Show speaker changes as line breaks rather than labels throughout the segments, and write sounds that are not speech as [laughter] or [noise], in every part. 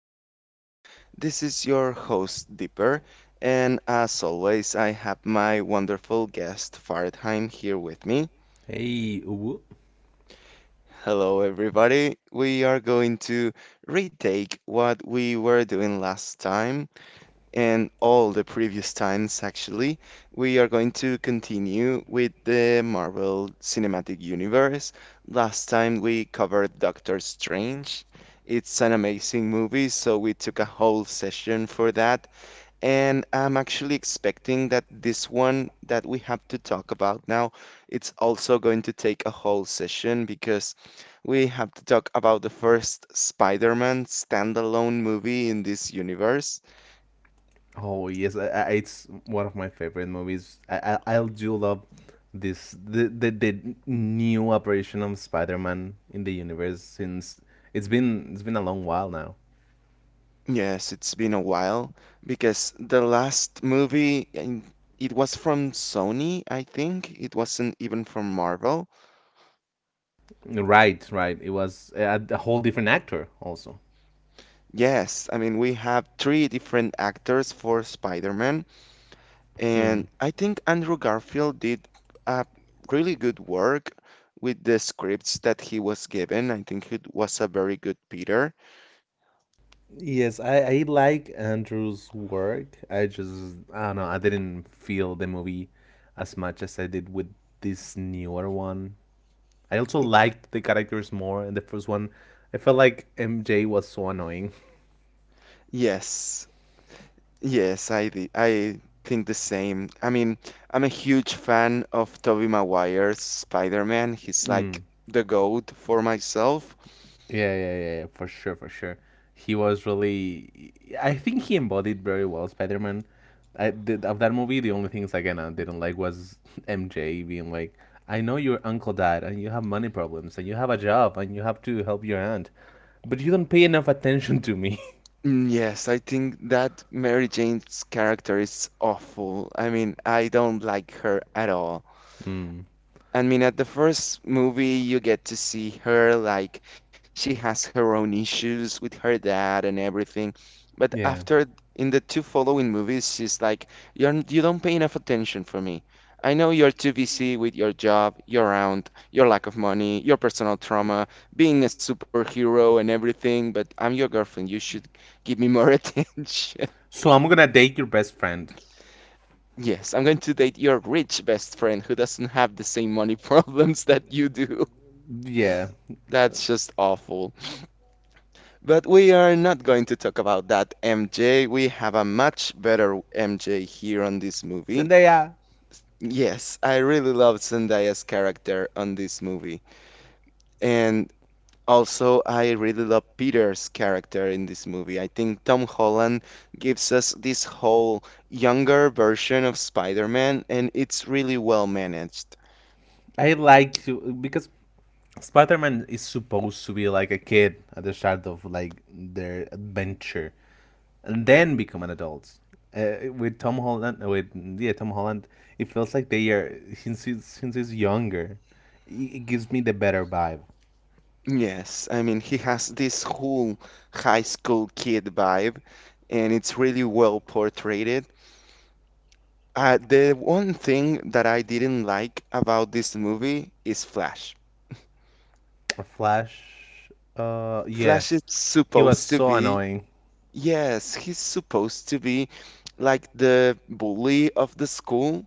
podcast. This is your host, Dipper, and as always, I have my wonderful guest, Faradheim, here with me.
Hey, Uwu.
Hello, everybody. We are going to retake what we were doing last time and all the previous times, actually, we are going to continue with the Marvel Cinematic Universe. Last time we covered Doctor Strange. It's an amazing movie, so we took a whole session for that. And I'm actually expecting that this one that we have to talk about now, it's also going to take a whole session because we have to talk about the first Spider-Man standalone movie in this universe.
Oh yes, it's one of my favorite movies. I do love the new operation of Spider-Man in the universe, since it's been a long while now.
Yes, it's been a while because the last movie, and it was from Sony, I think. It wasn't even from Marvel.
Right, right. It was a whole different actor also.
Yes, I mean, we have three different actors for Spider-Man, and I think Andrew Garfield did a really good work with the scripts that he was given. I think he was a very good Peter.
Yes, I like Andrew's work. I don't know. I didn't feel the movie as much as I did with this newer one. I also liked the characters more in the first one. I felt like MJ was so annoying.
Yes, yes, I did. I think the same. I mean, I'm a huge fan of Tobey Maguire's Spider-Man. He's like
Mm.
the GOAT for myself.
Yeah, yeah, yeah, yeah, for sure, for sure. He was really. I think he embodied very well Spider Man. I did, of that movie. The only things again I didn't like was [laughs] MJ being like, "I know your uncle died, and you have money problems, and you have a job, and you have to help your aunt, but you don't pay enough attention to me."
Mm, yes, I think that Mary Jane's character is awful. I mean, I don't like her at all.
[laughs] Mm.
I mean, at the first movie, you get to see her like she has her own issues with her dad and everything. But
Yeah.
after, in the two following movies, she's like, You don't pay enough attention for me. I know you're too busy with your job, your aunt, your lack of money, your personal trauma, being a superhero and everything. But I'm your girlfriend. You should give me more [laughs] attention."
So I'm gonna date your best friend.
Yes, I'm going to date your rich best friend who doesn't have the same money [laughs] problems that you do.
Yeah,
That's just awful. But we are not going to talk about that MJ. We have a much better MJ here on this movie.
Zendaya.
Yes, I really love Zendaya's character on this movie. And also, I really love Peter's character in this movie. I think Tom Holland gives us this whole younger version of Spider-Man, and it's really well managed.
I like to, because Spider Man is supposed to be like a kid at the start of like their adventure, and then become an adult. With Tom Holland, with yeah Tom Holland, it feels like they are, since he's younger. It gives me the better vibe.
Yes, I mean, he has this whole high school kid vibe, and it's really well portrayed. The one thing that I didn't like about this movie is Flash.
Flash, yeah,
Flash is
he was
supposed to
so
be,
annoying.
yes, he's supposed to be like the bully of the school.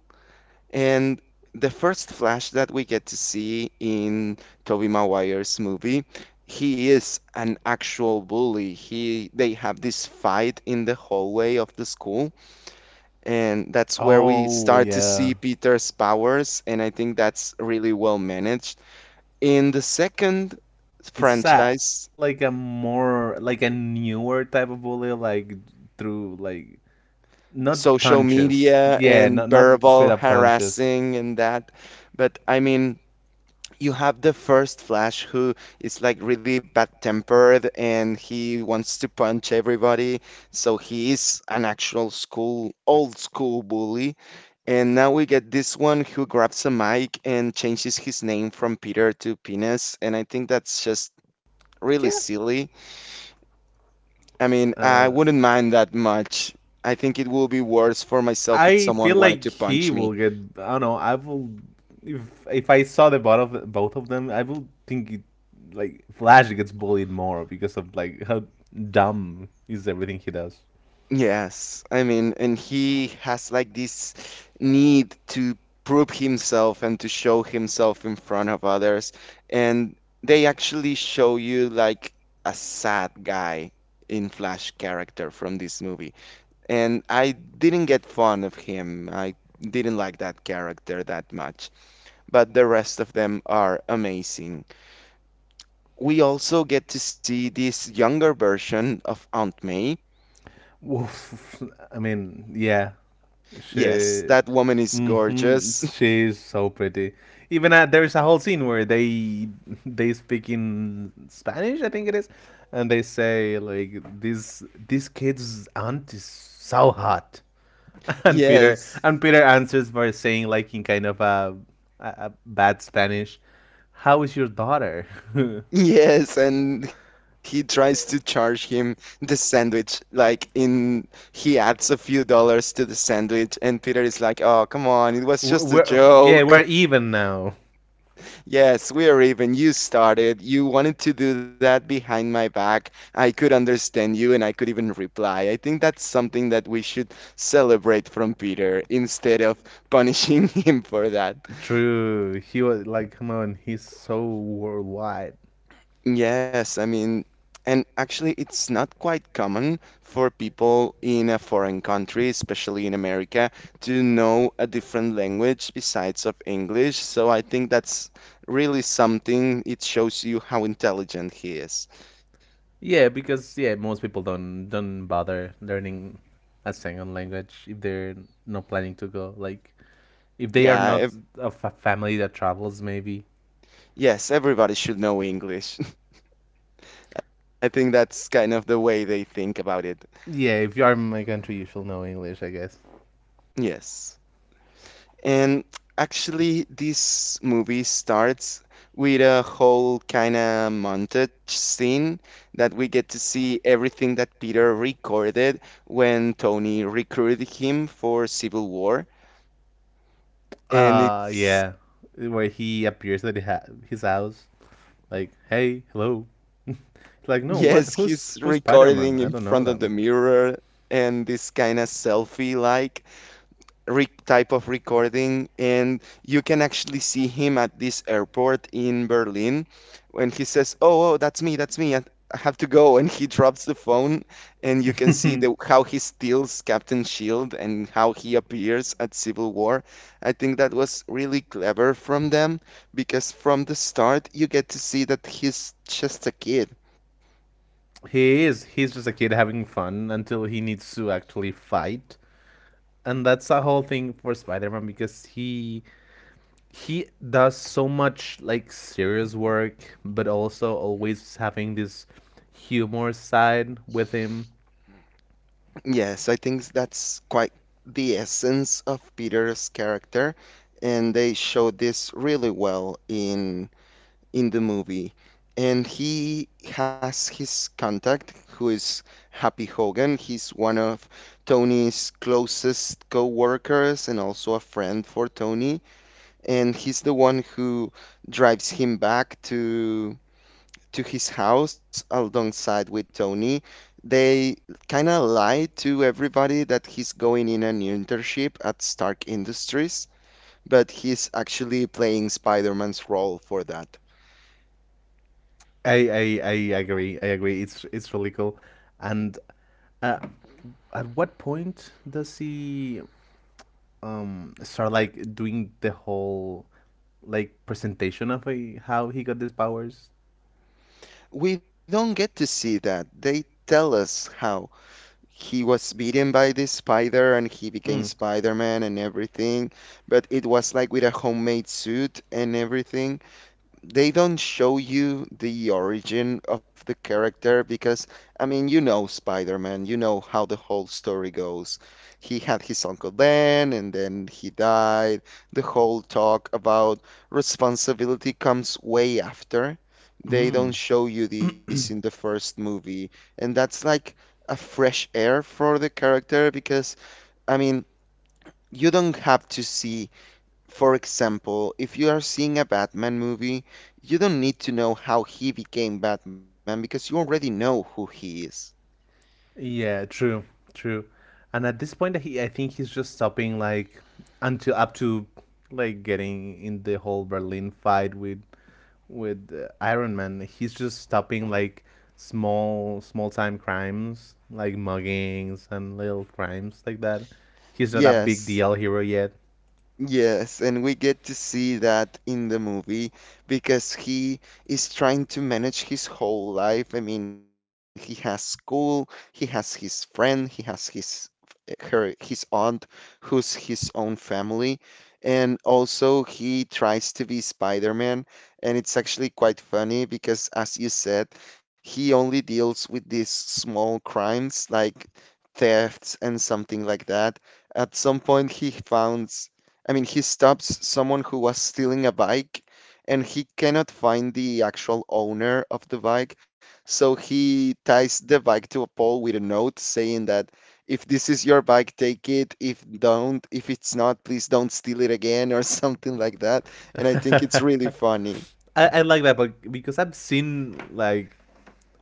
And the first flash that we get to see in Tobey Maguire's movie, he is an actual bully. He They have this fight in the hallway of the school, and that's where we
Oh
start to
yeah,
see Peter's powers, and I think that's really well managed. In the second
it's a
franchise,
like a more like a newer type of bully, like through like not
social
punches.
media
Yeah, not
and
not straight
verbal
up punches.
harassing and that, but I mean you have the first Flash who is like really bad tempered and he wants to punch everybody. So he is an actual school, old school bully. And now we get this one who grabs a mic and changes his name from Peter to Penis. And I think that's just really
Yeah.
silly. I mean, I
Uh,
wouldn't mind that much. I think it will be worse for myself if
I feel
someone wanted
like
to
he
punch
will
me.
get. I don't know. I will. If if I saw the both of them, I would think it, like Flash gets bullied more because of like how dumb is everything he does.
Yes, I mean, and he has like this need to prove himself and to show himself in front of others. And they actually show you like a sad guy in Flash character from this movie. And I didn't get fond of him. I didn't like that character that much. But the rest of them are amazing. We also get to see this younger version of Aunt May.
Woof. I mean, yeah.
Yes,
She,
that woman is gorgeous. [laughs]
she's so pretty. Even there is a whole scene where they speak in Spanish, I think it is, and they say like this kid's aunt is so hot, [laughs] and Peter
Yes.
and
[laughs]
Peter answers by saying like in kind of a bad Spanish, "How is your daughter?" [laughs] we're,
Yes, and he tries to charge him the sandwich. Like in he adds a few dollars to the sandwich and Peter is like, "Oh, come on, it was just a
yeah,
joke."
we're
[laughs]
even now.
Yes, we are even. You started. You wanted to do that behind my back. I could understand you and I could even reply. I think that's something that we should celebrate from Peter instead of punishing [laughs] him for that.
True, he was like, come on, he's so worldwide.
Yes, I mean, and actually, it's not quite common for people in a foreign country, especially in America, to know a different language besides of English. So I think that's really something. It shows you how intelligent he is.
Yeah, because, yeah, most people don't bother learning a second language if they're not planning to go. Like if they are
Yeah,
not
ev-
a family that travels, maybe.
yes, everybody should know English. [laughs] I think that's kind of the way they think about it.
Yeah, if you are in my country, you should know English, I guess.
Yes. And actually, this movie starts with a whole kind of montage scene that we get to see everything that Peter recorded when Tony recruited him for Civil War. And it's,
Yeah, where he appears at his house, like, hey, hello. [laughs] It's like, no,
[laughs]
what?
yes,
Who's
he's
who's Spider Man?
recording
I
in
don't know
front of the
them.
mirror and this kind of selfie like, type of recording, and you can actually see him at this airport in Berlin when he says, "Oh, oh, that's me, that's me. I have to go," and he drops the phone, and you can see
[laughs]
the how he steals Captain Shield and how he appears at Civil War. I think that was really clever from them because from the start you get to see that he's just a kid.
He's just a kid having fun until he needs to actually fight, and that's a whole thing for Spider-Man, because he does so much like serious work but also always having this humor side with him.
Yes, I think that's quite the essence of Peter's character, and they show this really well in the movie. And he has his contact, who is Happy Hogan. He's one of Tony's closest co-workers and also a friend for Tony, and he's the one who drives him back to his house alongside with Tony. They kind of lie to everybody that he's going in an internship at Stark Industries, but he's actually playing Spider-Man's role for that.
I i, I agree i agree, it's really cool. And uh, at what point does he start like doing the whole like presentation of how he got these powers?
We don't get to see that. They tell us how he was beaten by this spider and he became Spider-Man and everything, but it was like with a homemade suit and everything. They don't show you the origin of the character because I mean you know Spider-Man, you know how the whole story goes. He had his Uncle Ben and then he died. The whole talk about responsibility comes way after. They don't
Mm.
show you this in the
[clears throat]
first movie, and that's like a fresh air for the character because I mean you don't have to see, for example, if you are seeing a Batman movie, you don't need to know how he became Batman because you already know who he is.
Yeah, true, true. And at this point, he I think he's just stopping like until up to like getting in the whole Berlin fight with Iron Man. He's just stopping like small time crimes, like muggings and little crimes like that. He's not a big
Yes,
deal hero yet.
yes, and we get to see that in the movie because he is trying to manage his whole life. I mean, he has school, he has his friend, he has his aunt who's his own family, and also he tries to be Spider-Man, and it's actually quite funny because as you said he only deals with these small crimes like thefts and something like that. At some point he founds, I mean he stops someone who was stealing a bike and he cannot find the actual owner of the bike, so he ties the bike to a pole with a note saying that if this is your bike, take it. If it's not, please don't steal it again or [laughs] something like that. And I
[laughs]
think it's
I,
really funny.
I like that, but because I've seen like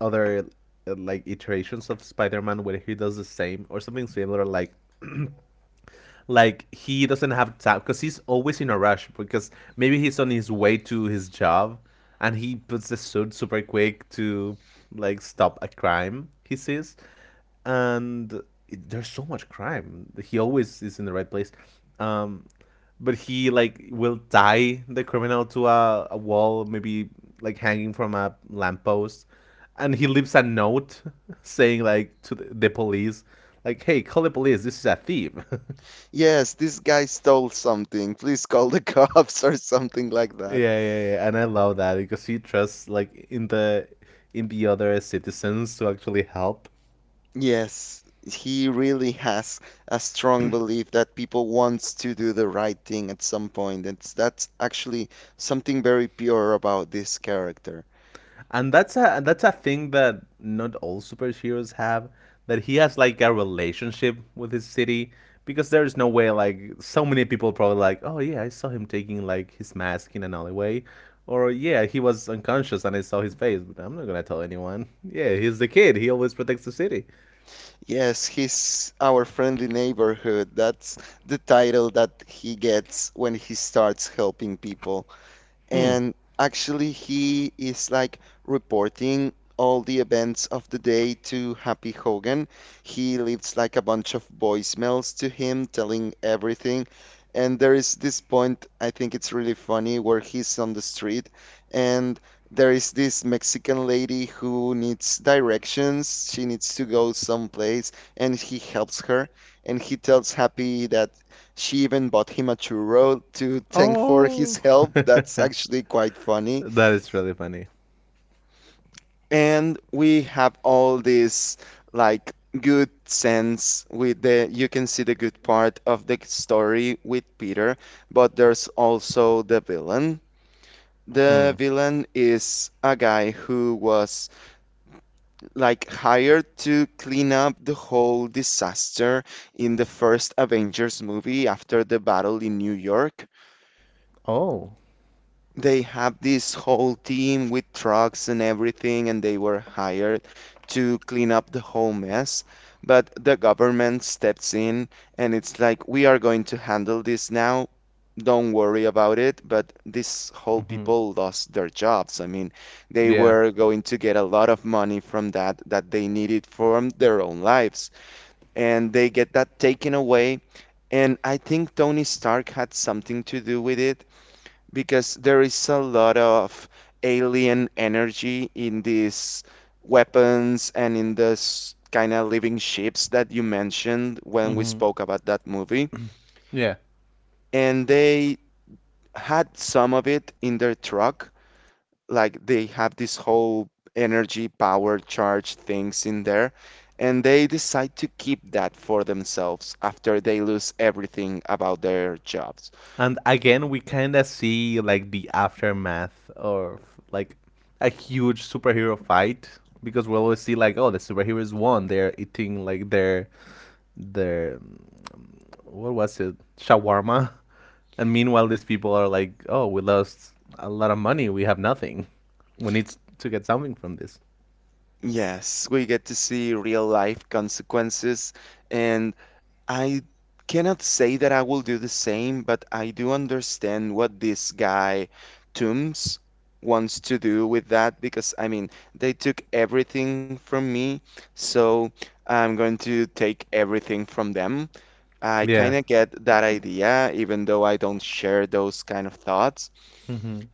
other, like iterations of Spider-Man where he does the same or something similar, like [clears throat] like he doesn't have time because he's always in a rush, because maybe he's on his way to his job, and he puts the suit super quick to like stop a crime he sees. And there's so much crime, he always is in the right place, um but he like will tie the criminal to a wall, maybe like hanging from a lamppost, and he leaves a note [laughs] saying like to the, police, like, "Hey, call the police. This is a thief." [laughs]
Yes, this guy stole something. Please call the [laughs] cops or something like that.
Yeah, yeah, yeah. And I love that because he trusts like in the other citizens to actually help.
Yes, he really has a strong belief that people wants to do the right thing at some point. It's That's actually something very pure about this character.
And that's a thing that not all superheroes have, that he has like a relationship with his city. Because there's no way. Like so many people probably like, oh yeah, I saw him taking like his mask in an alleyway, or, yeah, he was unconscious and I saw his face, but I'm not gonna tell anyone. Yeah, he's the kid, he always protects the city.
Yes, he's our friendly neighborhood. That's the title that he gets when he starts helping people,
Hmm.
and actually he is like reporting all the events of the day to Happy Hogan. He leaves like a bunch of voicemails to him telling everything. And there is this point, I think it's really funny, where he's on the street and there is this Mexican lady who needs directions. She needs to go someplace and he helps her. And he tells Happy that she even bought him a churro to thank for his
Oh,
help.
[laughs]
That's
that
actually quite funny.
is really funny.
And we have all this like good sense with the you can see the good part of the story with Peter, but there's also the villain. The
Hmm.
villain is a guy who was like hired to clean up the whole disaster in the first Avengers movie after the battle in New York.
Oh.
They have this whole team with trucks and everything, and they were hired to clean up the whole mess. But the government steps in and it's like, we are going to handle this now. Don't worry about it. But these whole
hmm
people lost their jobs. I mean, they
Yeah.
were going to get a lot of money from that that they needed from their own lives, and they get that taken away. And I think Tony Stark had something to do with it because there is a lot of alien energy in these weapons and in this kind of living ships that you mentioned when we
hmm
spoke about that movie.
Yeah.
And they had some of it in their truck, like they have this whole energy power charge things in there. And they decide to keep that for themselves after they lose everything about their jobs.
And again, we kind of see like the aftermath of like a huge superhero fight, because we always see like, oh, the superheroes won. They're eating like their um, what was it, shawarma, and meanwhile these people are like, oh, we lost a lot of money. We have nothing. We need to get something from this.
Yes, we get to see real life consequences, and I cannot say that I will do the same, but I do understand what this guy Toombs wants to do with that because I mean, they took everything from me, so I'm going to take everything from them. I kind
Yeah.
of get that idea, even though I don't share those kind of thoughts
Mm-hmm.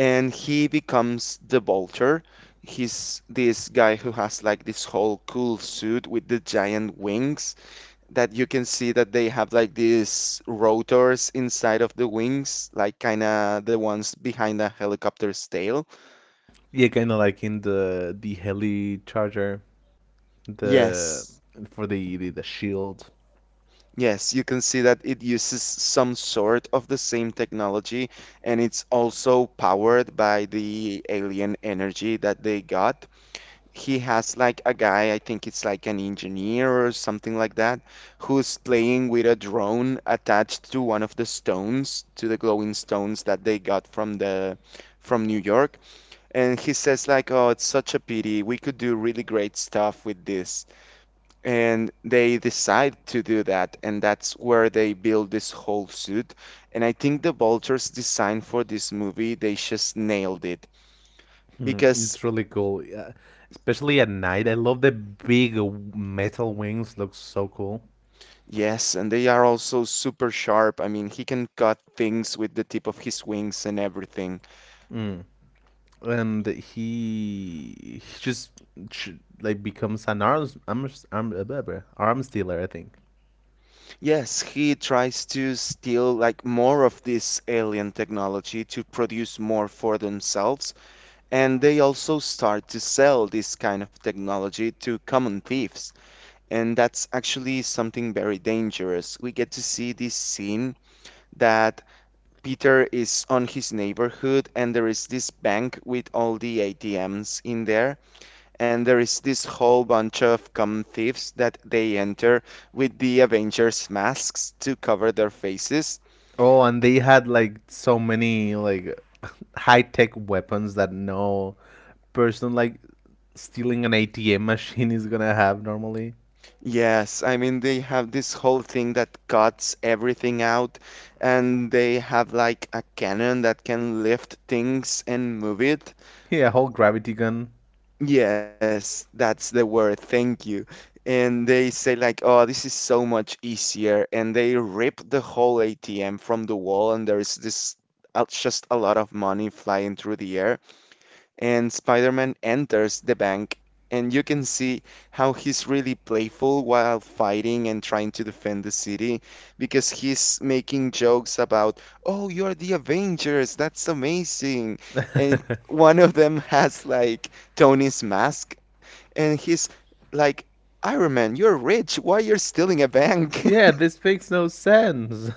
and he becomes the Vulture. He's this guy who has like this whole cool suit with the giant wings that you can see that they have like these rotors inside of the wings, like kind of the ones behind a helicopter's tail.
Yeah, kind of like in the heli charger, the
Yes.
for the the shield.
Yes, you can see that it uses some sort of the same technology and it's also powered by the alien energy that they got. He has like a guy, I think it's like an engineer or something like that, who's playing with a drone attached to one of the stones, to the glowing stones that they got from New York. And he says like, "Oh, it's such a pity. We could do really great stuff with this." And they decide to do that, and that's where they build this whole suit. And I think the Vulture's design for this movie, they just nailed it
Hmm,
because
it's really cool, yeah. Especially at night, I love the big metal wings. Looks so cool.
yes, and they are also super sharp. I mean, he can cut things with the tip of his wings and everything.
Mm. And he just ch- like becomes an arms arms arm, blah, blah, arms dealer, I think.
Yes, he tries to steal like more of this alien technology to produce more for themselves, and they also start to sell this kind of technology to common thieves. And that's actually something very dangerous. We get to see this scene that Peter is on his neighborhood and there is this bank with all the ATMs in there and there is this whole bunch of common thieves that they enter with the Avengers masks to cover their faces.
Oh, and they had like so many like [laughs] high tech weapons that no person like stealing an ATM machine is gonna have normally.
Yes, I mean they have this whole thing that cuts everything out, and they have like a cannon that can lift things and move it.
Yeah, whole gravity gun.
Yes, that's the word. Thank you. And they say like, "Oh, this is so much easier," and they rip the whole ATM from the wall, and there is this just a lot of money flying through the air. And Spider-Man enters the bank and you can see how he's really playful while fighting and trying to defend the city because he's making jokes about, "Oh, you're the Avengers. That's amazing." And [laughs] one of them has like Tony's mask and he's like, "Iron Man, you're rich. Why you're stealing a bank?"
Yeah, this makes no sense.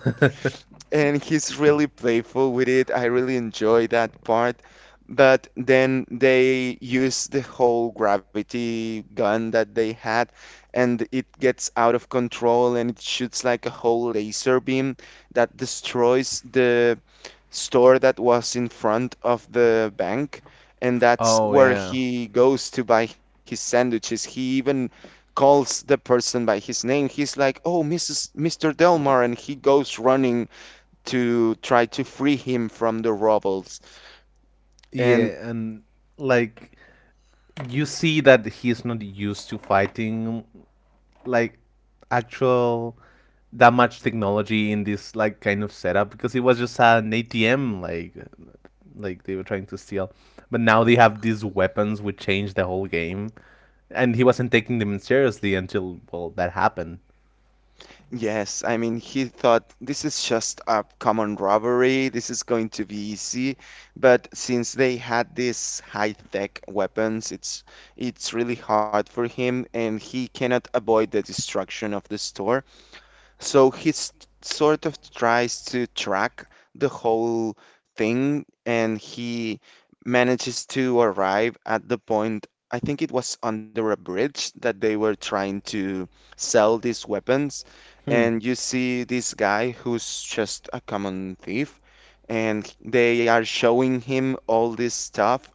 And he's really playful with it. I really enjoy that part. But then they use the whole gravity gun that they had, and it gets out of control and it shoots like a whole laser beam that destroys the store that was in front of the bank. And
[laughs]
that's
Oh
where
yeah,
he goes to buy his sandwiches. He even calls the person by his name. He's like, "Oh, Mrs. Mr. Delmar," and he goes running to try to free him from the rebels. And
yeah, and like you see that he's not used to fighting like actual that much technology in this like kind of setup, because it was just an ATM like they were trying to steal. But now they have these weapons which change the whole game. And he wasn't taking them seriously until, well, that happened.
yes, I mean, he thought this is just a common robbery, this is going to be easy. But since they had these high-tech weapons, it's really hard for him, and he cannot avoid the destruction of the store. So sort of tries to track the whole thing and he manages to arrive at the point. I think it was under a bridge that they were trying to sell these weapons.
Hmm.
And you see this guy who's just a common thief, and they are showing him all this stuff.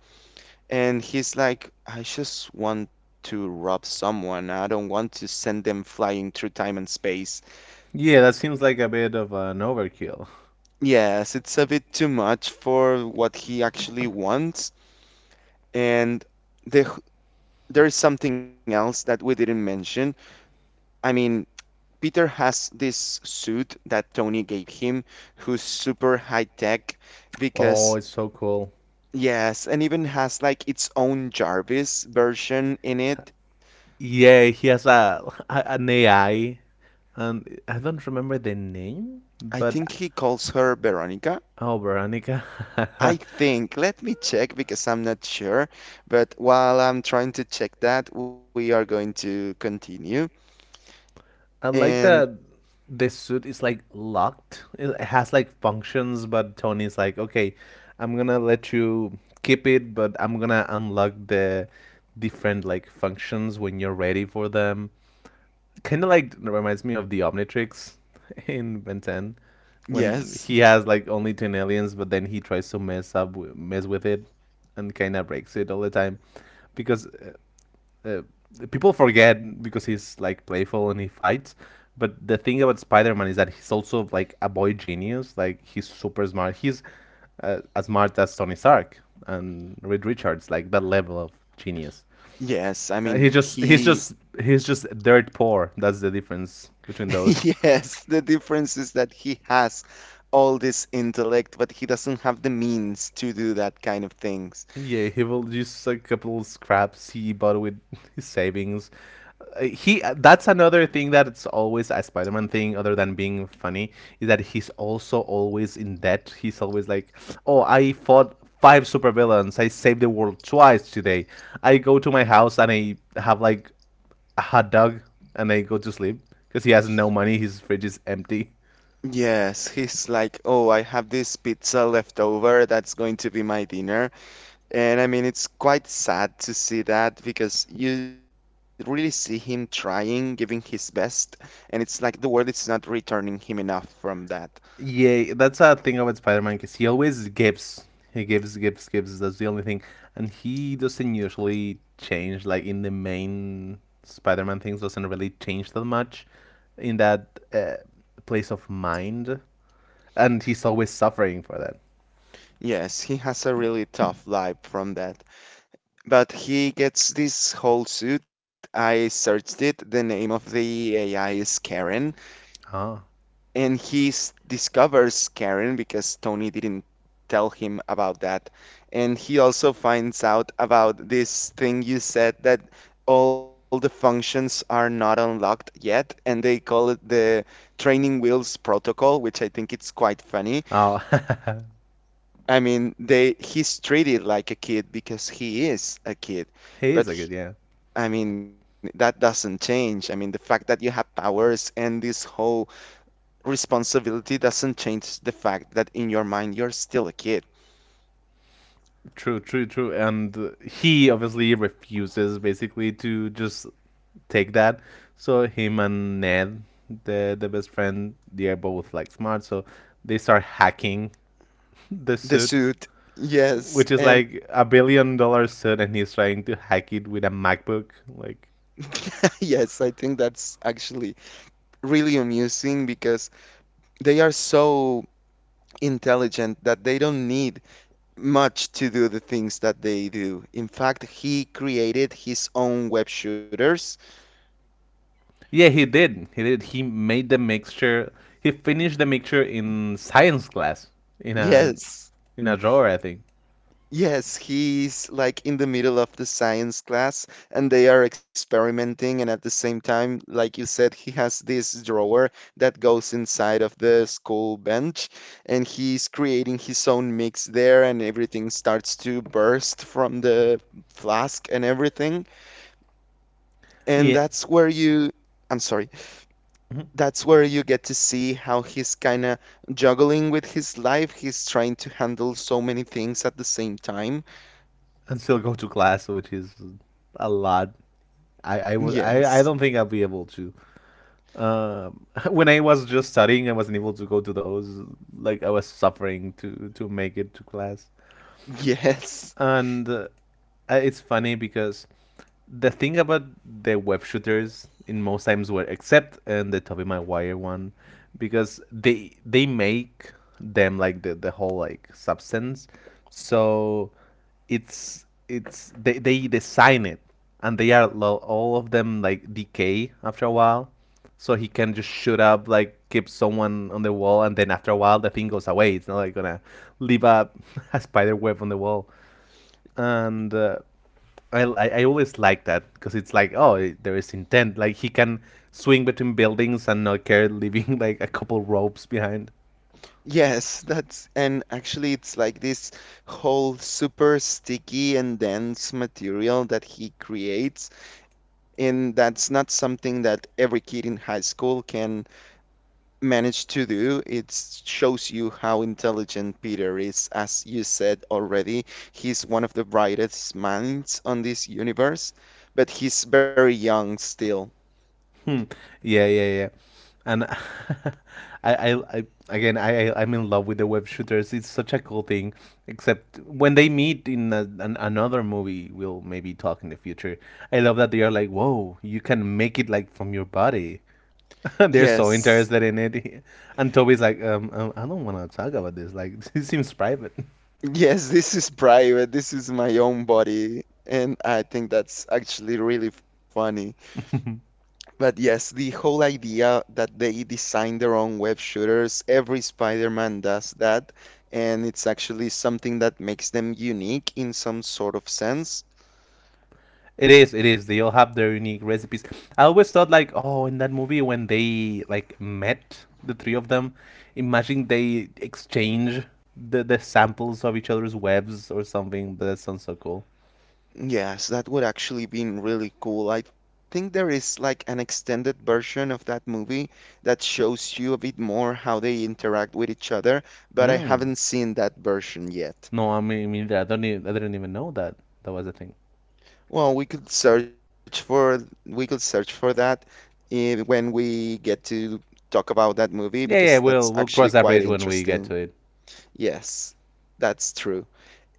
And he's like, I just want to rob someone. I don't want to send them flying through time and space.
Yeah, that seems like a bit of an overkill.
Yes, it's a bit too much for what he actually wants. And the, there is something else that we didn't mention. I mean, Peter has this suit that Tony gave him, who's super high tech
Oh,
because,
it's so cool.
yes, and even has like its own Jarvis version in it.
Yeah, he has a [laughs] an AI, and I don't remember the name,
I
but
think he calls her Veronica.
oh, Veronica.
I
[laughs]
think, let me check because I'm not sure. But while I'm trying to check that, we are going to continue.
I like
And.
that this suit is like locked. It has like functions, but Tony's like, okay, I'm gonna let you keep it, but I'm gonna unlock the different like functions when you're ready for them. Kind of like reminds me of the Omnitrix [laughs] in Ben 10, when
Yes,
he has like only 10 aliens, but then he tries to mess up, mess with it, and kind of breaks it all the time, because uh, people forget, because he's like playful and he fights. But the thing about Spider-Man is that he's also like a boy genius. Like, he's super smart. He's as smart as Tony Stark and Reed Richards. Like, that level of genius.
yes. I
Uh,
mean,
he just
he,
he's just he's just dirt poor. That's the difference between
[laughs]
those.
yes, the difference is that he has all this intellect, but he doesn't have the means to do that kind of things.
Yeah, he will use a couple scraps he bought with [laughs] his savings. He that's another thing, that it's always a Spider-Man thing other than being funny, is that he's also always in debt. He's always like, "Oh, I fought five supervillains. I saved the world twice today. I go to my house and I have like a hot dog and I go to sleep," because he has no money. His fridge is empty.
Yes, he's like, oh, I have this pizza left over. That's going to be my dinner. And I mean, it's quite sad to see that because you really see him trying, giving his best, and it's like the world is not returning him enough from that.
Yeah, that's a thing about Spider-Man, because he always gives. He gives, gives, gives. That's the only thing, and he doesn't usually change. Like in the main Spider-Man things, doesn't really change that much, in that, place of mind, and he's always suffering for that.
Yes, he has a really tough life from that. But he gets this whole suit. I searched it. The name of the AI is Karen,
Ah.
and discovers Karen because Tony didn't tell him about that. And he also finds out about this thing you said that all the functions are not unlocked yet, and they call it the training wheels protocol, which I think it's quite funny.
Oh, [laughs]
I mean, they he's treated like a kid because he is a kid,
he is
but
a good, yeah.
I mean, that doesn't change. I mean, the fact that you have powers and this whole responsibility doesn't change the fact that in your mind you're still a kid.
True, true, true. And he obviously refuses basically to just take that. So him and Ned, the best friend, they are both like smart. So they start hacking [laughs] the
The
suit,
suit, yes,
which is
and
like a billion dollar suit, and he's trying to hack it with a MacBook. Like,
[laughs] yes, I think that's actually really amusing because they are so intelligent that they don't need much to do the things that they do. In fact, he created his own web shooters.
yeah, he did. He did. He made the mixture. He finished the mixture in science class in a
Yes.
in a drawer, I think.
Yes, he's like in the middle of the science class and they are experimenting. And at the same time, like you said, he has this drawer that goes inside of the school bench and he's creating his own mix there and everything starts to burst from the flask and everything. And that's where
Yeah.
you, I'm sorry,
Mhm.
that's where you get to see how he's kind of juggling with his life. He's trying to handle so many things at the same time.
And still go to class, which is a lot. I I was
Yes.
I, I don't think I'll be able to. Um, [laughs] when I was just studying, I wasn't able to go to those. Like, I was suffering to make it to class,
Yes,
and it's funny, because the thing about the web shooters in most times were, except in the Toby Maguire one, because they make them like the whole like substance, so it's they design it, and they are all of them like decay after a while, so he can just shoot up, like keep someone on the wall, and then after a while the thing goes away, it's not like gonna leave [laughs] a spider web on the wall. And I always like that, because it's like, oh, there is intent. Like he can swing between buildings and not care, leaving [laughs] like a couple ropes behind. [laughs]
yes, that's and actually it's like this whole super sticky and dense material that he creates, and that's not something that every kid in high school can manage to do. It shows you how intelligent Peter is, as you said already. He's one of the brightest minds on this universe, but he's very young still.
Hmm. Yeah, yeah, yeah. And [laughs] I again I I'm in love with the web shooters. It's such a cool thing. Except when they meet in another movie, we'll maybe talk in the future. I love that they are like, whoa, you can make it like from your body. [laughs] They're so
Yes.
interested in it. [laughs] And Toby's like, I don't want to talk about this. Like, [laughs] this seems private.
Yes, this is private. This is my own body. And I think that's actually really funny.
[laughs]
But yes, the whole idea that they design their own web shooters, every Spider-Man does that. And it's actually something that makes them unique in some sort of sense.
It is, it is. They all have their unique recipes. I always thought like, oh, in that movie when they like met the three of them, imagine they exchange the samples of each other's webs or something. That sounds so cool.
Yes, that would actually be really cool. I think there is like an extended version of that movie that shows you a bit more how they interact with each other, but I
Mm.
haven't seen that version yet.
No, I mean, I didn't even know that that was a thing.
Well, we could search for that when we get to talk about that movie
Yeah,
because
yeah.
that's
We'll
actually
cross that
quite
bridge when we get
interesting.
to it.
Yes, that's true.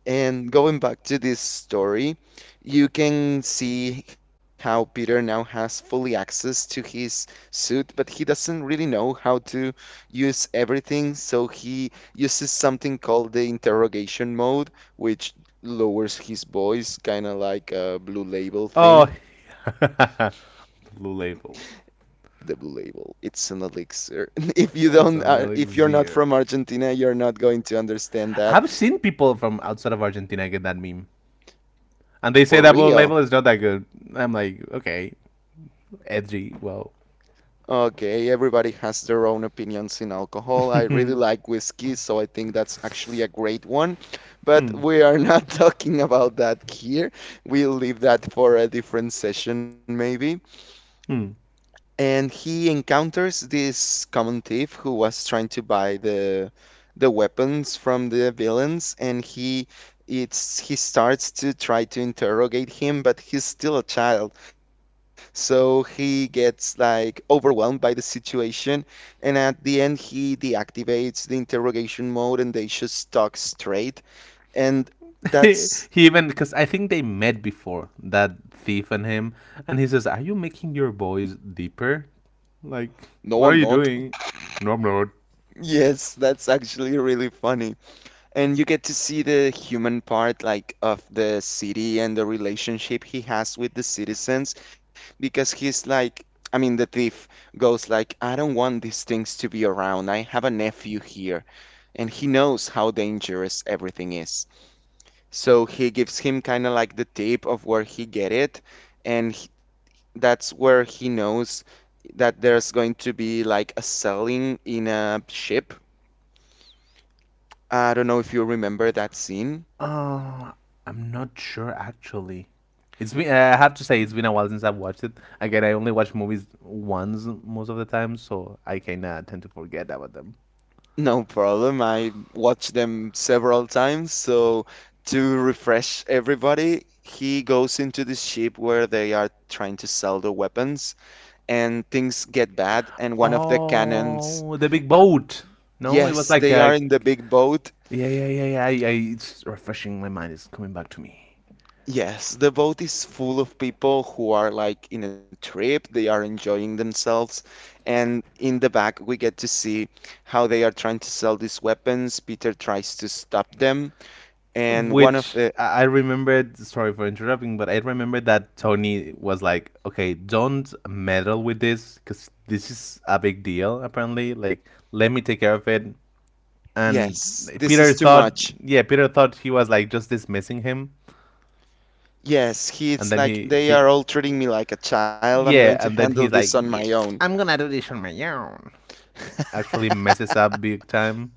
And going back to this story, you can see how Peter now has fully access to his suit, but he doesn't really know how to use everything, so he uses something called the interrogation mode, which lowers his voice, kind of like a blue label thing.
Oh, [laughs] Blue Label.
The blue label, it's an elixir. [laughs] If you don't,
It's an
if you're not from
elixir.
Argentina, you're not going to understand that
I've seen people from outside of Argentina get that meme, and they say
for
that Blue
real.
Label is not that good. I'm like, okay, edgy. Well,
Okay, everybody has their own opinions in alcohol.
[laughs]
I really
hmm,
like whiskey, so I think that's actually a great one. But
hmm.
we are not [laughs] talking about that here. We'll leave that for a different session, maybe
[laughs]
and he encounters this common thief who was trying to buy the weapons from the villains and he starts to try to interrogate him but he's still a child so he gets like overwhelmed by the situation and at the end he deactivates the interrogation mode and they just talk straight and
He
that's
even because I think they met before, that thief and him, and he says, "Are you making your voice deeper? Like,
no
what
I'm
are you
not
doing?" No, I'm not.
[laughs] yes, that's actually really funny. And you get to see the human part, like of the city and the relationship he has with the citizens, because he's like, I mean, the thief goes like, I don't want these things to be around. I have a nephew here, and he knows how dangerous everything is. So he gives him kind of like the tip of where he get it, and he, that's where he knows that there's going to be like a selling in a ship. I don't know if you remember that scene.
Uh, I'm not sure actually. It's been, I have to say, it's been a while since I've watched it. Again, I only watch movies once most of the time, so I kind of tend to forget about them.
No problem. I watched them several times. So, to refresh everybody, he goes into this ship where they are trying to sell the weapons, and things get bad. And one of the cannons,
Oh, the big boat. No, it was
yes,
like
they are
a.
in the big boat.
Yeah, yeah, yeah, yeah. It's refreshing. My mind is coming back to me.
Yes, the boat is full of people who are like in a trip, they are enjoying themselves. And in the back, we get to see how they are trying to sell these weapons. Peter tries to stop them, and one of
Which
the.
I remembered, sorry for interrupting, but I remember that Tony was like, okay, don't meddle with this because this is a big deal, apparently. Like, let me take care of it. And
Yes, this
Peter
is too
thought,
much.
yeah, Peter thought he was like just dismissing him.
Yes,
And
he's like, they are all treating me like a child. I'm going to
yeah, and
handle
then he's
this on
like,
my
yeah,
own.
I'm gonna do this on my own. Actually messes up big time.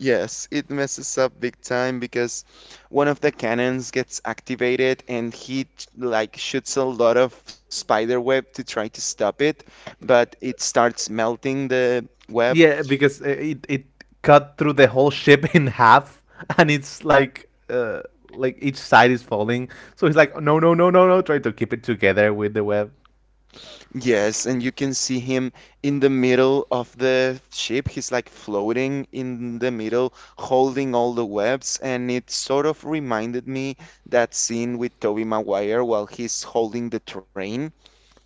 Yes, it messes up big time because one of the cannons gets activated and like shoots a lot of spider web to try to stop it, but it starts melting the web.
Yeah, because it cut through the whole ship [laughs] in half, and it's like each side is falling. So he's like, no, no, no, no, no, try to keep it together with the web.
Yes, and you can see him in the middle of the ship. He's like floating in the middle, holding all the webs, and it sort of reminded me that scene with Toby Maguire while he's holding the train.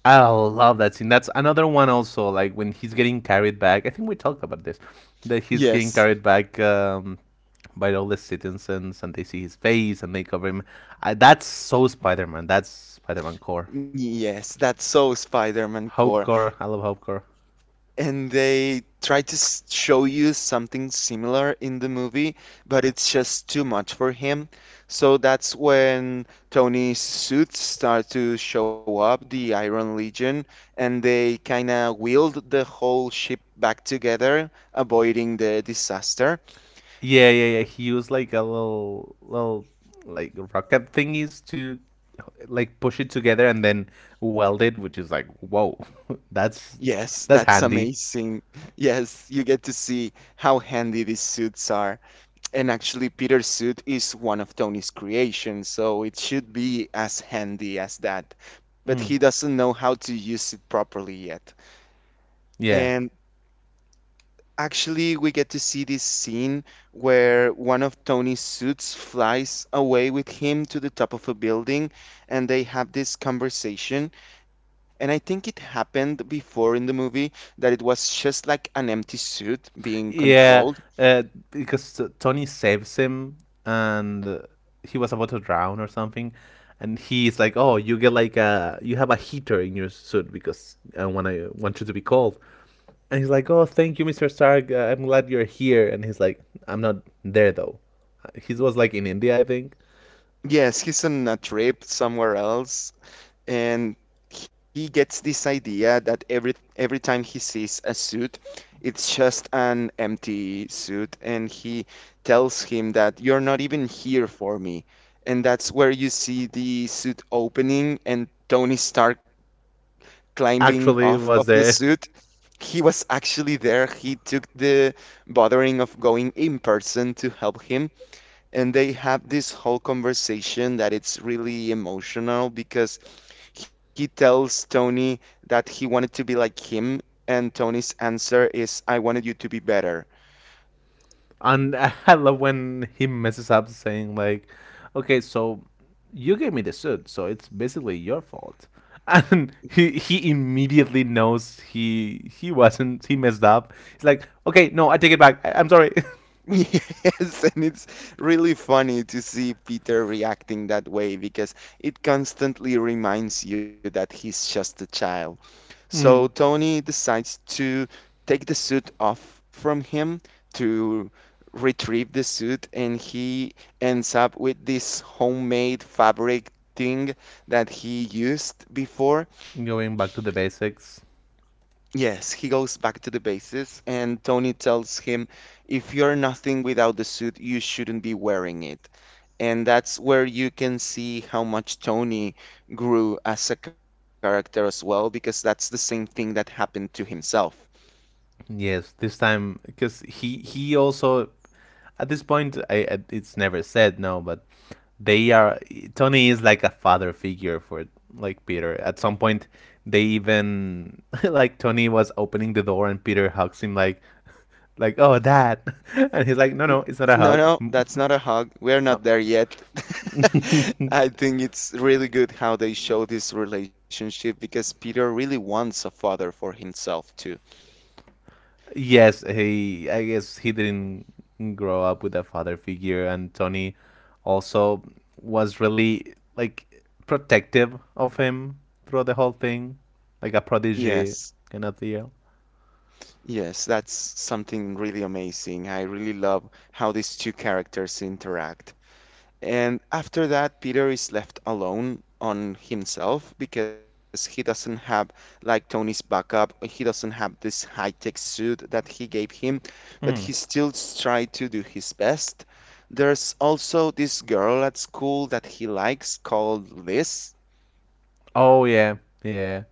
I love that scene. That's another one also. Like when he's getting carried back. I think we talked about this. That he's getting
Yes,
carried back by all the citizens, and they see his face and they cover him. I, that's so Spider-Man. That's Spider-Man core.
yes, that's so Spider-Man core.
Hope core. I love Hope core.
And they try to show you something similar in the movie, but it's just too much for him. So that's when Tony's suits start to show up, the Iron Legion, and they kind of wield the whole ship back together, avoiding the disaster.
Yeah, yeah, yeah. He used like a little like rocket thingies to like push it together and then weld it, which is like, whoa, [laughs] that's
Yes, that's [laughs]
that's handy.
amazing. Yes, you get to see how handy these suits are. And actually, Peter's suit is one of Tony's creations, so it should be as handy as that. But he
Mm.
doesn't know how to use it properly yet.
Yeah,
And actually, we get to see this scene where one of Tony's suits flies away with him to the top of a building, and they have this conversation. And I think it happened before in the movie that it was just like an empty suit being controlled.
yeah. Uh, because Tony saves him, and he was about to drown or something, and he's like, "Oh, you get like a you have a heater in your suit because I want you to be cold." And he's like, "Oh, thank you, Mr. Stark. I'm glad you're here." And he's like, "I'm not there though." He was like in India, I think.
Yes, he's on a trip somewhere else, and he gets this idea that every time he sees a suit, it's just an empty suit, and he tells him that you're not even here for me. And that's where you see the suit opening and Tony Stark climbing off of the
Actually, was
suit.
there. [laughs]
He was actually there. He took the bothering of going in person to help him. And they have this whole conversation that it's really emotional because he tells Tony that he wanted to be like him, and Tony's answer is, I wanted you to be better.
And I love when he messes up, saying like, "Okay, so you gave me the suit, so it's basically your fault." [laughs] And he immediately knows he wasn't he messed up. He's like, "Okay, no, I take it back. I'm sorry." [laughs]
[laughs] Yes, and it's really funny to see Peter reacting that way because it constantly reminds you that he's just a child. So
Mm.
Tony decides to take the suit off from him to retrieve the suit, and he ends up with this homemade fabric thing that he used before.
Going back to the basics.
Yes, he goes back to the bases, and Tony tells him, if you're nothing without the suit, you shouldn't be wearing it. And that's where you can see how much Tony grew as a character as well, because that's the same thing that happened to himself.
Yes, this time because he also at this point it's never said no, but they are Tony is like a father figure for like Peter. At some point, they even [laughs] like Tony was opening the door and Peter hugs him like oh dad, [laughs] and he's like no no it's not a
No,
hug.
no, that's not a
[laughs]
hug. We're
Oh.
not there yet. [laughs] I
[laughs]
think it's really good how they show this relationship because Peter really wants a father for himself too.
Yes, he I guess he didn't grow up with a father figure, and Tony also was really like protective of him throughout the whole thing, like a
Yes.
prodigy kind of deal.
Yes, that's something really amazing. I really love how these two characters interact. And after that, Peter is left alone on himself because he doesn't have like Tony's backup. He doesn't have this high-tech suit that he gave him, but he
Mm.
still tried to do his best. There's also this girl at school that he likes called Liz.
Oh yeah, yeah,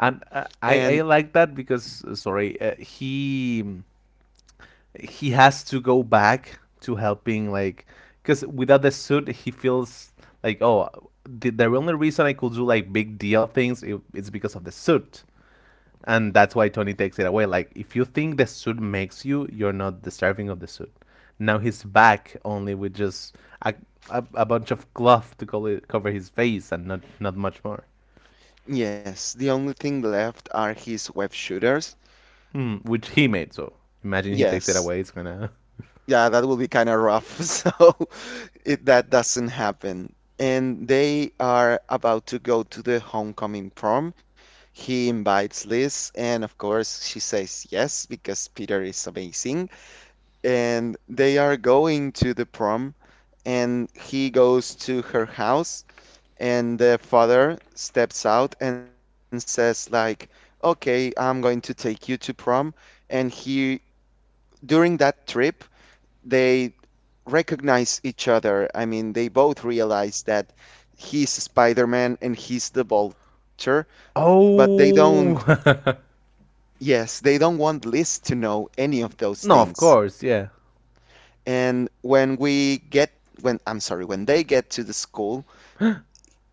and
And
I like that because he has to go back to helping like because without the suit he feels like oh the only reason I could do like big deal things is because of the suit and that's why Tony takes it away like if you think the suit makes you you're not deserving of the suit now he's back only with just a, a bunch of cloth to cover his face and not much more.
yes, the only thing left are his web shooters.
Hmm, which he made. So imagine he takes it
Yes.
away. It's gonna.
Yeah, that will be kind of rough. [laughs] So it that doesn't happen. And they are about to go to the homecoming prom. He invites Liz, and of course, she says yes because Peter is amazing. And they are going to the prom, and he goes to her house, and the father steps out and says like, "Okay, I'm going to take you to prom." And he, during that trip,
[laughs]
they recognize each other. I mean, they both realize that he's Spider-Man and he's the Vulture, but they don't,
Oh. [laughs]
yes, they don't want Liz to know any of those
No, of
things.
course, yeah.
And when we get, when, I'm sorry, when they get to the school,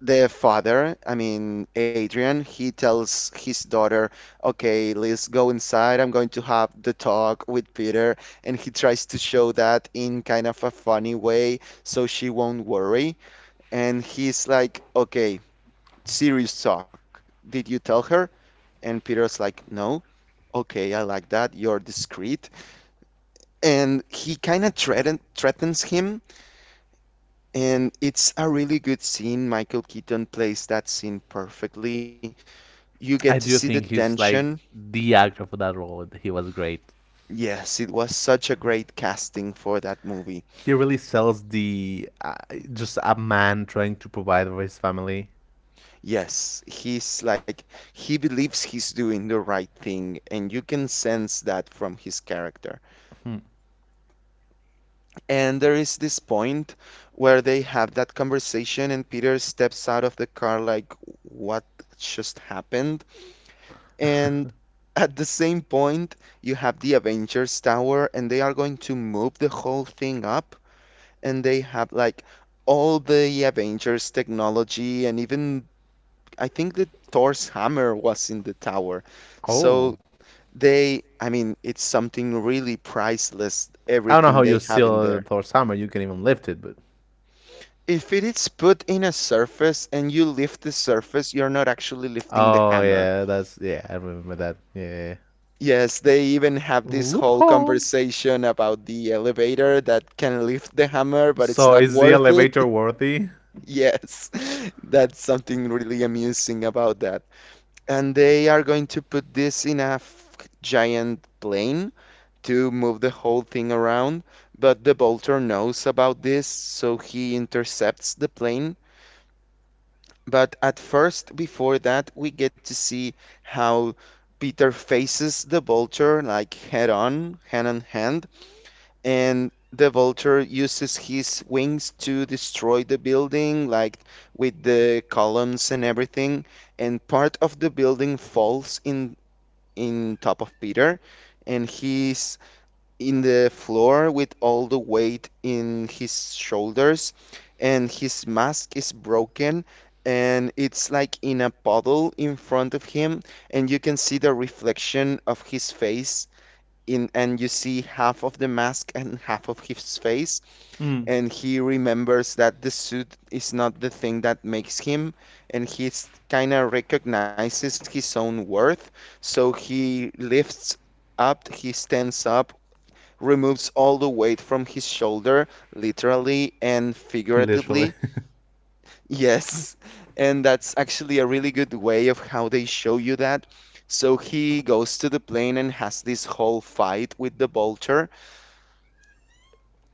their father, I mean, Adrian, he tells his daughter, okay, Liz, go inside. I'm going to have the talk with Peter. And he tries to show that in kind of a funny way so she won't worry. And he's like, okay, serious talk. Did you tell her? And Peter's like, no. Okay, I like that. You're discreet. And he kind of threatens him. And it's a really good scene. Michael Keaton plays that scene perfectly. You get to see
I
the
do think he's
tension.
like the actor for that role. He was great.
Yes, it was such a great casting for that movie.
He really sells the just a man trying to provide for his family.
Yes, he's like, he believes he's doing the right thing. And you can sense that from his character.
Hmm.
And there is this point where they have that conversation, and Peter steps out of the car like, what just happened? And
[laughs]
at the same point, you have the Avengers Tower, and they are going to move the whole thing up, and they have like all the Avengers technology, and even I think the Thor's hammer was in the tower.
Oh.
So they, I mean, it's something really priceless,
I don't know how
everything
you
they have in
seal
there.
Thor's hammer. You can even lift it, but.
If it is put in a surface and you lift the surface, you're not actually lifting the
Oh
hammer.
yeah, that's yeah. I remember that. Yeah. Yeah,
Yes, they
yeah.
even have this whole
Loophole.
conversation about the elevator that can lift the hammer, but it's
So
not
is the
worth it.
elevator
[laughs]
worthy?
Yes, [laughs] that's something really amusing about that. And they are going to put this in a f- giant plane to move the whole thing around, but the bolter knows about this, so he intercepts the plane. But at first, before that, we get to see how Peter faces the vulture like head on hand, and the vulture uses his wings to destroy the building, like with the columns and everything. And part of the building falls in top of Peter, and he's in the floor with all the weight in his shoulders, and his mask is broken, and it's like in a puddle in front of him, and you can see the reflection of his face in, and you see half of the mask and half of his face,
Hmm.
and he remembers that the suit is not the thing that makes him, and he's kind of recognizes his own worth, so he lifts up, he stands up,
[laughs]
removes all the weight from his shoulder, literally and
Literally.
figuratively. [laughs] Yes. And that's actually a really good way of how they show you that. So he goes to the plane and has this whole fight with the vulture,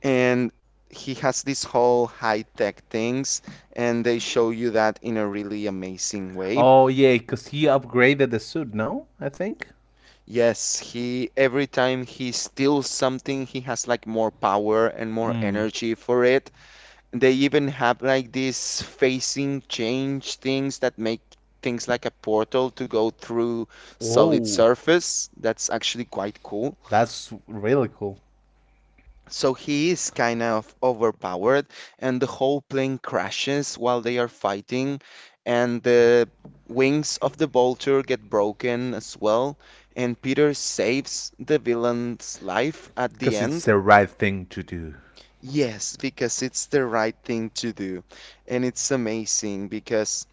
and he has this whole high-tech things, and they show you that in a really amazing
[laughs]
way.
Oh yeah, because he upgraded the suit. No, I think.
Yes, he every time he steals something, he has like more power and more
Hmm.
energy for it. They even have like these facing change things that make things like a portal to go through solid
Whoa,
surface. That's actually quite cool.
that's really cool.
So he is kind of overpowered, and the whole plane crashes while they are fighting, and the wings of the vulture get broken as well. And Peter saves the villain's life at the
Because it's
end.
the right thing to do.
Yes, because it's the right thing to do. And it's amazing because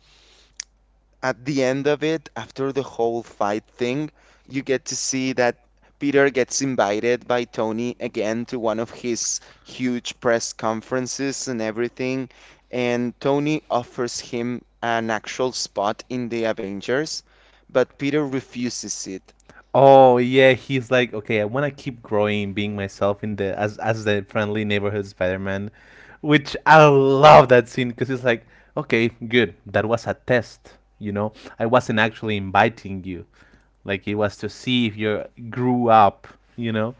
at the end of it, after the whole fight thing, you get to see that Peter gets invited by Tony again to one of his huge press conferences and everything, and Tony offers him an actual spot in the Avengers, but Peter refuses it.
Oh yeah, he's like, okay, I want to keep growing, being myself in the as the friendly neighborhood Spider-Man, which I love that scene because it's like, okay, good, that was a test, you know. I wasn't actually inviting you, like it was to see if you grew up, you know.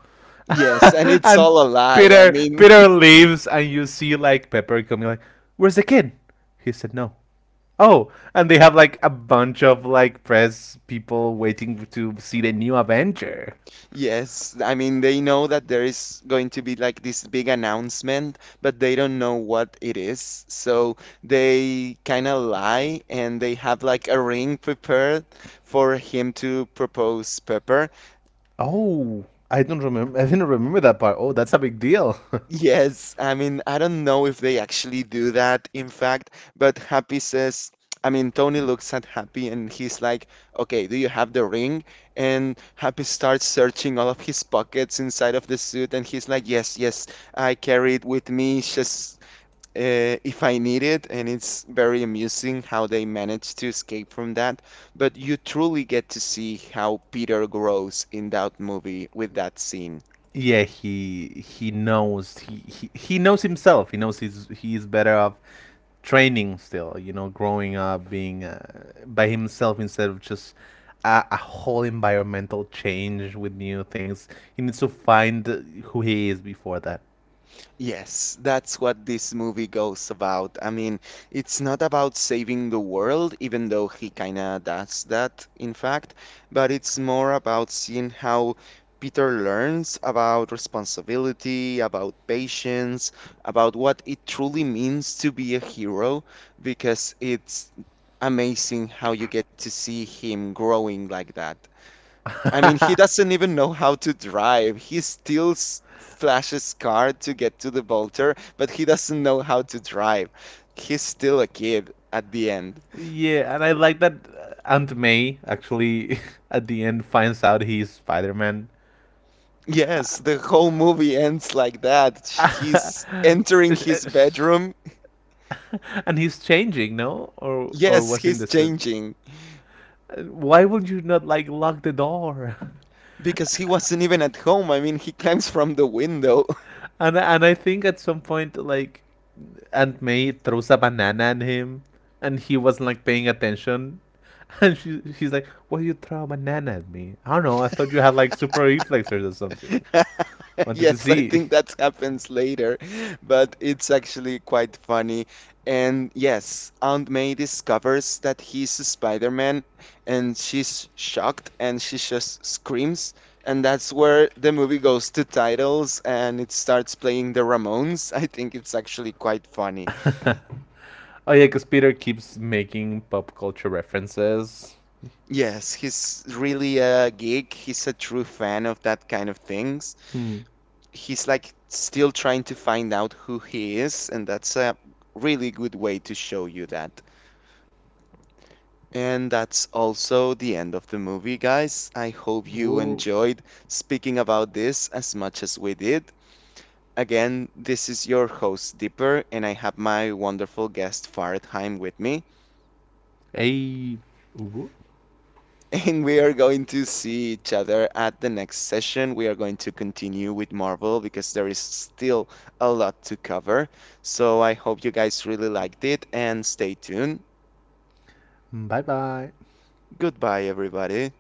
[laughs]
Yes, and it's
And
all a lie. I
Peter
mean,
Peter leaves, and you see like Pepper coming like, where's the kid? He said no. Oh, and they have like a bunch of like press people waiting to see the new Avenger.
yes, I mean, they know that there is going to be like this big announcement, but they don't know what it is. So they kind of lie and they have like a ring prepared for him to propose Pepper.
Oh, I don't remember. I didn't remember that part. Oh, that's a big deal. [laughs]
Yes, I mean, I don't know if they actually do that, in fact, but Happy says, I mean, Tony looks at Happy and he's like, okay, do you have the ring? And Happy starts searching all of his pockets inside of the suit and he's like, yes, yes, I carry it with me just if I need it. And it's very amusing how they manage to escape from that. But you truly get to see how Peter grows in that movie with that scene.
Yeah, he knows he knows himself. He knows he's better off training still. You know, growing up, being by himself instead of just a whole environmental change with new things. He needs to find who he is before that.
Yes, that's what this movie goes about. I mean, it's not about saving the world, even though he kinda does that, in fact, but it's more about seeing how Peter learns about responsibility, about patience, about what it truly means to be a hero, because it's amazing how you get to see him growing like that. I mean, he doesn't even know how to drive. He steals Flash's car to get to the Vulture, but he doesn't know how to drive. He's still a kid at the end.
Yeah, and I like that Aunt May actually [laughs] at the end finds out he's Spider Man.
Yes, the whole movie ends like that. He's entering
[laughs]
his bedroom.
And he's changing, no? Or
Yes,
was in
he's
the suit.
changing
Why would you not like lock the door? [laughs]
because he wasn't even at home. I mean, he climbs from the window.
And I think at some point like Aunt May throws a banana at him and he wasn't like paying attention. [laughs] And she's like, Why you throw a banana at me? I don't know, I thought you had like super reflexes or something. Wanted to
Yes, I
see.
think that happens later, but it's actually quite funny. And yes, Aunt May discovers that he's a Spider-Man and she's shocked and she just screams. And that's where the movie goes to titles and it starts playing the Ramones. [laughs] I think it's actually quite funny.
[laughs] Oh yeah, because Peter keeps making pop culture references.
Yes, he's really a geek. He's a true fan of that kind of things.
Hmm.
He's like still trying to find out who he is, and that's a really good way to show you that. And that's also the end of the movie, guys. I hope you
Ooh.
enjoyed speaking about this as much as we did. Again, this is your host, Dipper, and I have my wonderful guest, Fartheim, with me.
Hey, Ooh.
And we are going to see each other at the next session. We are going to continue with Marvel because there is still a lot to cover. So I hope you guys really liked it and stay tuned.
Bye bye.
Goodbye, everybody.